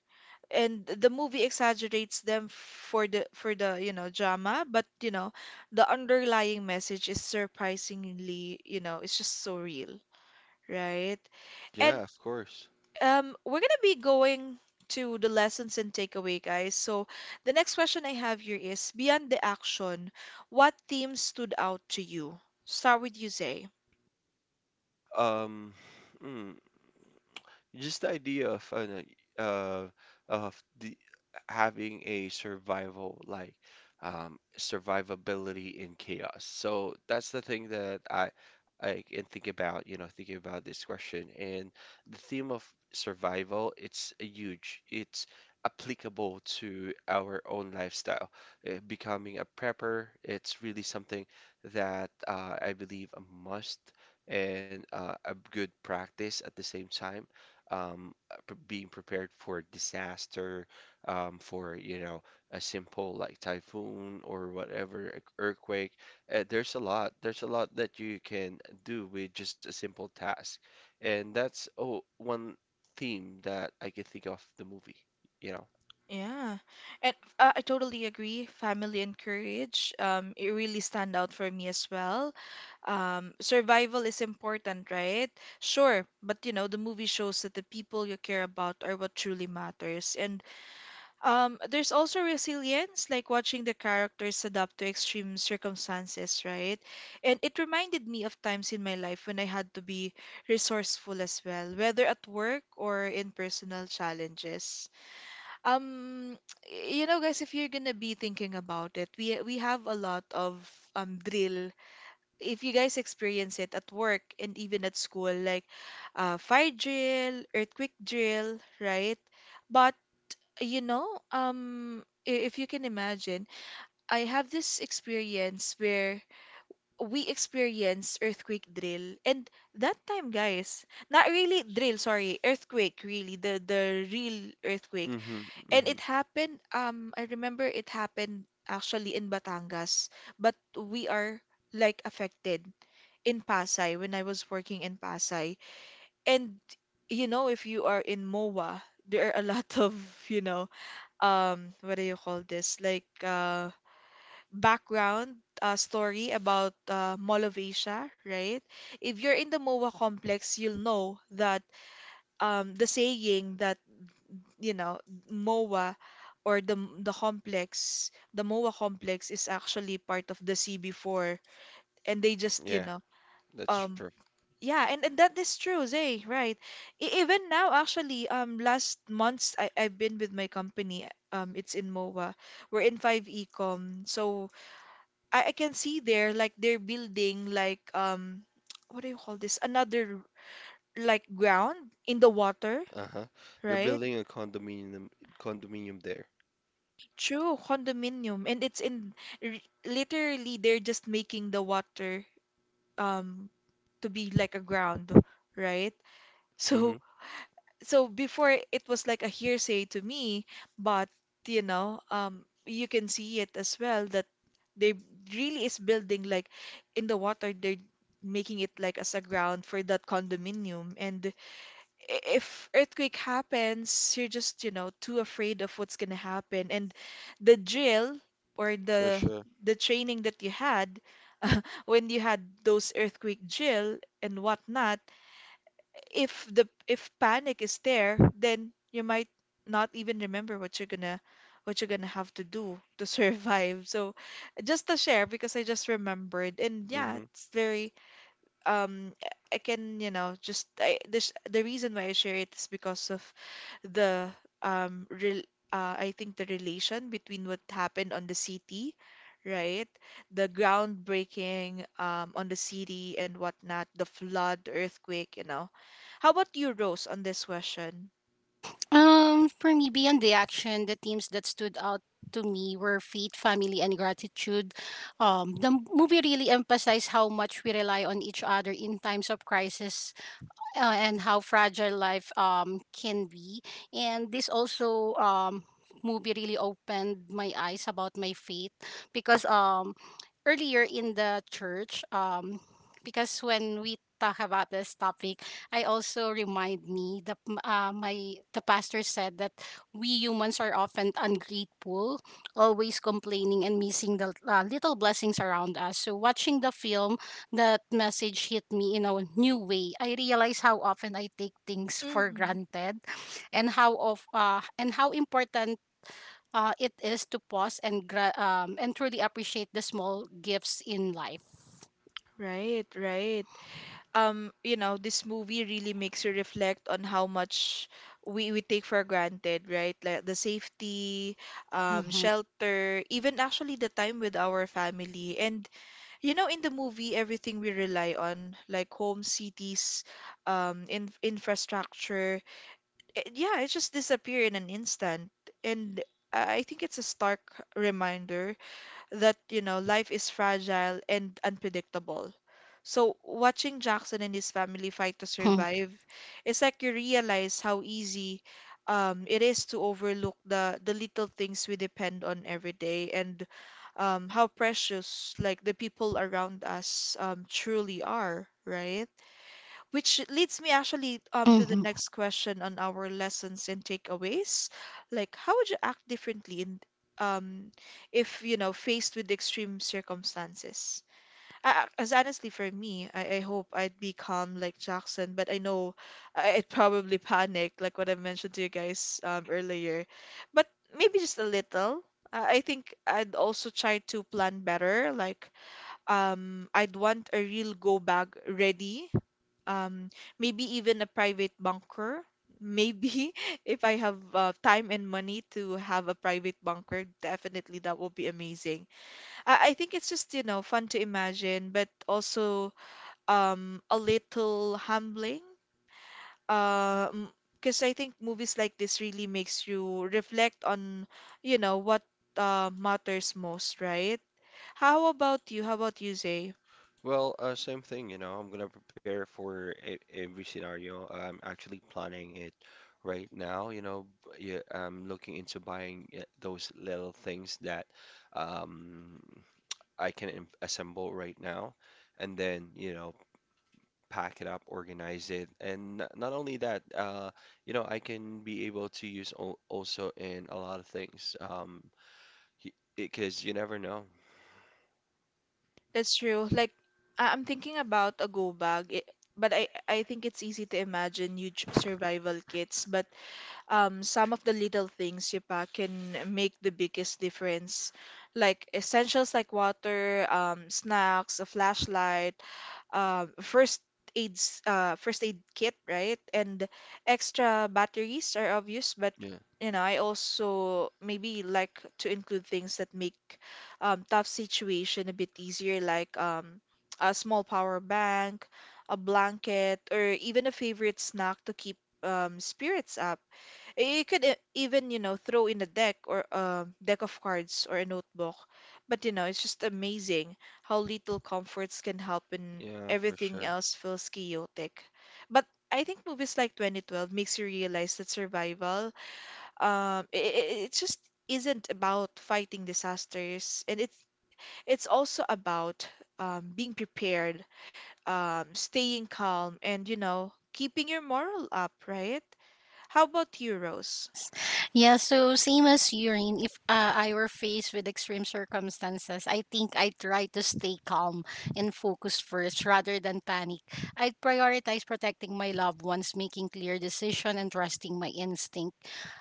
S1: And the movie exaggerates them for the you know drama, but you know, the underlying message is surprisingly, you know, it's just so real, right? and
S2: Yeah, of course.
S1: um we're gonna be going to the lessons and takeaway, guys. So the next question I have here is, beyond the action, what themes stood out to you? Start with you, Zay.
S2: Um, mm, just the idea of, no, uh of the having a survival, like, survivability in chaos. So that's the thing that I can think about, you know, thinking about this question. And the theme of survival, it's a huge. It's applicable to our own lifestyle. Becoming a prepper, it's really something that, I believe a must, and, a good practice at the same time. Being prepared for disaster, for, you know, a simple like typhoon or whatever earthquake. There's a lot that you can do with just a simple task, and that's one theme that I can think of the movie. You know.
S1: Yeah, and I totally agree. Family and courage, it really stand out for me as well. Survival is important, right? Sure, but you know, the movie shows that the people you care about are what truly matters. And there's also resilience, like watching the characters adapt to extreme circumstances, right? And it reminded me of times in my life when I had to be resourceful as well, whether at work or in personal challenges. Um, you know, guys, if you're gonna be thinking about it, we have a lot of drill. If you guys experience it at work and even at school, like fire drill, earthquake drill, right? But you know, if you can imagine, I have this experience where we experience earthquake drill, and that time, guys, not really drill, sorry, earthquake, really, the real earthquake.
S2: Mm-hmm,
S1: And
S2: mm-hmm.
S1: it happened, I remember it happened actually in Batangas, but we are like affected in Pasay when I was working in Pasay. And you know, if you are in MOA, there are a lot of, you know, what do you call this? Like background story about Mall of Asia, right? If you're in the MOA complex, you'll know that the saying that, you know, MOA or the complex, the MOA complex is actually part of the CB4, and they just, you
S2: Yeah,
S1: know,
S2: that's true.
S1: um yeah, and that is true, Zay, right. Even now actually, last months I I've been with my company, it's in MOA. We're in 5 Ecom. So I can see there like they're building like what do you call this? Another like ground in the water,
S2: Uh-huh. They're
S1: right?
S2: building a condominium there.
S1: True, condominium, and it's in literally they're just making the water um to be like a ground, right?
S2: Mm-hmm.
S1: So so before it was like a hearsay to me, but you know, you can see it as well that they really is building like in the water they're making it like as a ground for that condominium. And if earthquake happens, you're just, you know, too afraid of what's gonna happen. And the drill or
S2: For sure.
S1: the training that you had when you had those earthquake drill and whatnot, if panic is there, then you might not even remember what you're gonna have to do to survive. So just to share because I just remembered, and yeah,
S2: Mhm.
S1: it's very um I can, you know, just this the reason why I share it is because of the real I think the relation between what happened on the city, right? The groundbreaking on the city and whatnot, the flood, the earthquake, you know. How about you, Rose, on this question?
S3: For me, beyond the action, the themes that stood out to me were faith, family, and gratitude. The movie really emphasized how much we rely on each other in times of crisis, and how fragile life can be, and this also movie really opened my eyes about my faith because earlier in the church because when we talk about this topic, I also remind me that my the pastor said that we humans are often ungrateful, always complaining and missing the little blessings around us. So watching the film, that message hit me in a new way. I realize how often I take things for
S1: Mm.
S3: granted, and how important it is to pause and truly appreciate the small gifts in life.
S1: Right, right. You know, this movie really makes you reflect on how much we take for granted, right? Like the safety,
S3: Mm-hmm.
S1: shelter, even actually the time with our family. And, you know, in the movie, everything we rely on, like home, cities, infrastructure, it, yeah, it just disappear in an instant. And I think it's a stark reminder that, you know, life is fragile and unpredictable. So watching Jackson and his family fight to
S3: Mm-hmm.
S1: survive, it's like you realize how easy it is to overlook the little things we depend on every day, and how precious like the people around us truly are, right? Which leads me actually to the
S3: Mm-hmm.
S1: next question on our lessons and takeaways. Like, how would you act differently in um if you know faced with extreme circumstances? As honestly for me, I hope I'd be calm like Jackson, but I know I'd probably panic like what I mentioned to you guys earlier. But maybe just a little. I think I'd also try to plan better. Like, I'd want a real go bag ready, um, maybe even a private bunker. Maybe if I have time and money to have a private bunker, definitely that will be amazing. I think it's just, you know, fun to imagine, but also a little humbling. Um, because I think movies like this really makes you reflect on, you know, what matters most, right? How about you? How about you, Zay?
S2: Well, same thing, you know, I'm gonna prepare for e every scenario. I'm actually planning it right now, you know. Yeah, I'm looking into buying, those little things that, um, I can assemble right now and then, you know, pack it up, organize it. And not only that, you know, I can be able to use also in a lot of things, because you never know.
S1: That's true. Like I'm thinking about a go bag, it, but I think it's easy to imagine huge survival kits, but some of the little things you pack can make the biggest difference. Like essentials like water, snacks, a flashlight, first aids first aid kit, right? And extra batteries are obvious, but
S2: Yeah,
S1: you know, I also maybe like to include things that make tough situation a bit easier, like a small power bank, a blanket, or even a favorite snack to keep spirits up. You could even, you know, throw in a deck or a deck of cards or a notebook. But, you know, it's just amazing how little comforts can help when
S2: yeah, for
S1: everything
S2: sure.
S1: else feels chaotic. But I think movies like 2012 makes you realize that survival, um, it, it just isn't about fighting disasters, and it's also about being prepared, staying calm, and you know, keeping your moral up, right? How about you, Rose?
S3: Yes. Yeah, so same as urine, if I were faced with extreme circumstances, I think I would try to stay calm and focus first rather than panic. I'd prioritize protecting my loved ones, making clear decision and trusting my instinct.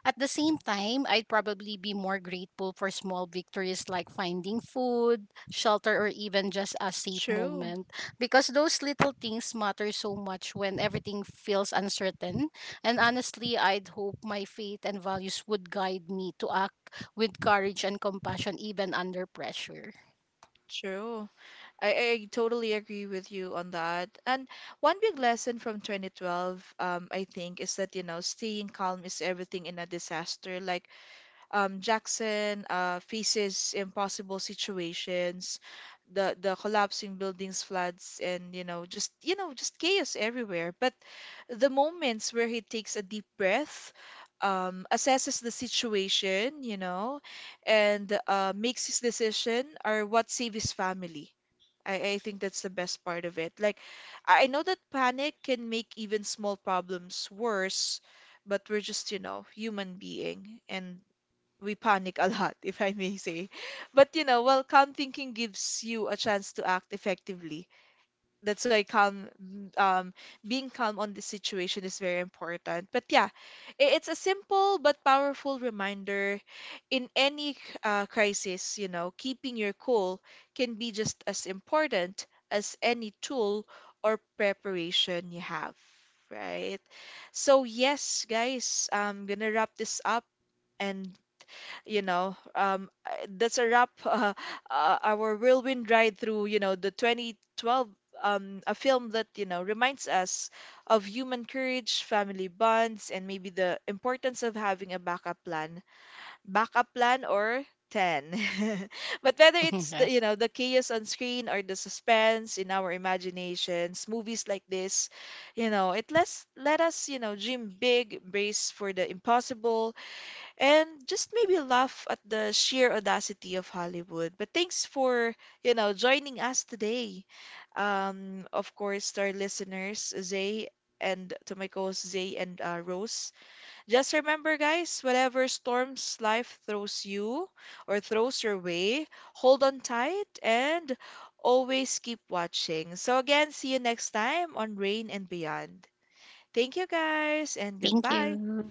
S3: At the same time, I'd probably be more grateful for small victories like finding food, shelter, or even just a safe
S1: True,
S3: moment because those little things matter so much when everything feels uncertain, and honestly, I'd hope my faith and values would guide me to act with courage and compassion even under pressure.
S1: true. I, I totally agree with you on that. And one big lesson from 2012, I think, is that, you know, staying calm is everything in a disaster. Like, Jackson faces impossible situations, the collapsing buildings, floods, and you know just chaos everywhere. But the moments where he takes a deep breath, assesses the situation, you know, and makes his decision are what save his family. I think that's the best part of it. Like, I know that panic can make even small problems worse, but we're just, you know, human being, and we panic a lot, if I may say. But you know, well, calm thinking gives you a chance to act effectively. That's why calm, um, being calm on the situation is very important. But yeah, it's a simple but powerful reminder. In any crisis, you know, keeping your cool can be just as important as any tool or preparation you have, right? So yes, guys, I'm gonna wrap this up. And you know that's a wrap. Our whirlwind ride through you know the 2012, a film that you know reminds us of human courage, family bonds, and maybe the importance of having a backup plan, backup plan, or 10. But whether it's the you
S3: Yes.
S1: know the chaos on screen or the suspense in our imaginations, movies like this, you know, it let us, you know, dream big, brace for the impossible, and just maybe laugh at the sheer audacity of Hollywood. But thanks for, you know, joining us today. Of course, to our listeners, Zay, and to my co-hosts, Zay and Rose. Just remember, guys, whatever storms life throws you or throws your way, hold on tight and always keep watching. So, again, see you next time on Rain and Beyond. Thank you, guys, and
S3: Thank
S1: goodbye.
S3: you.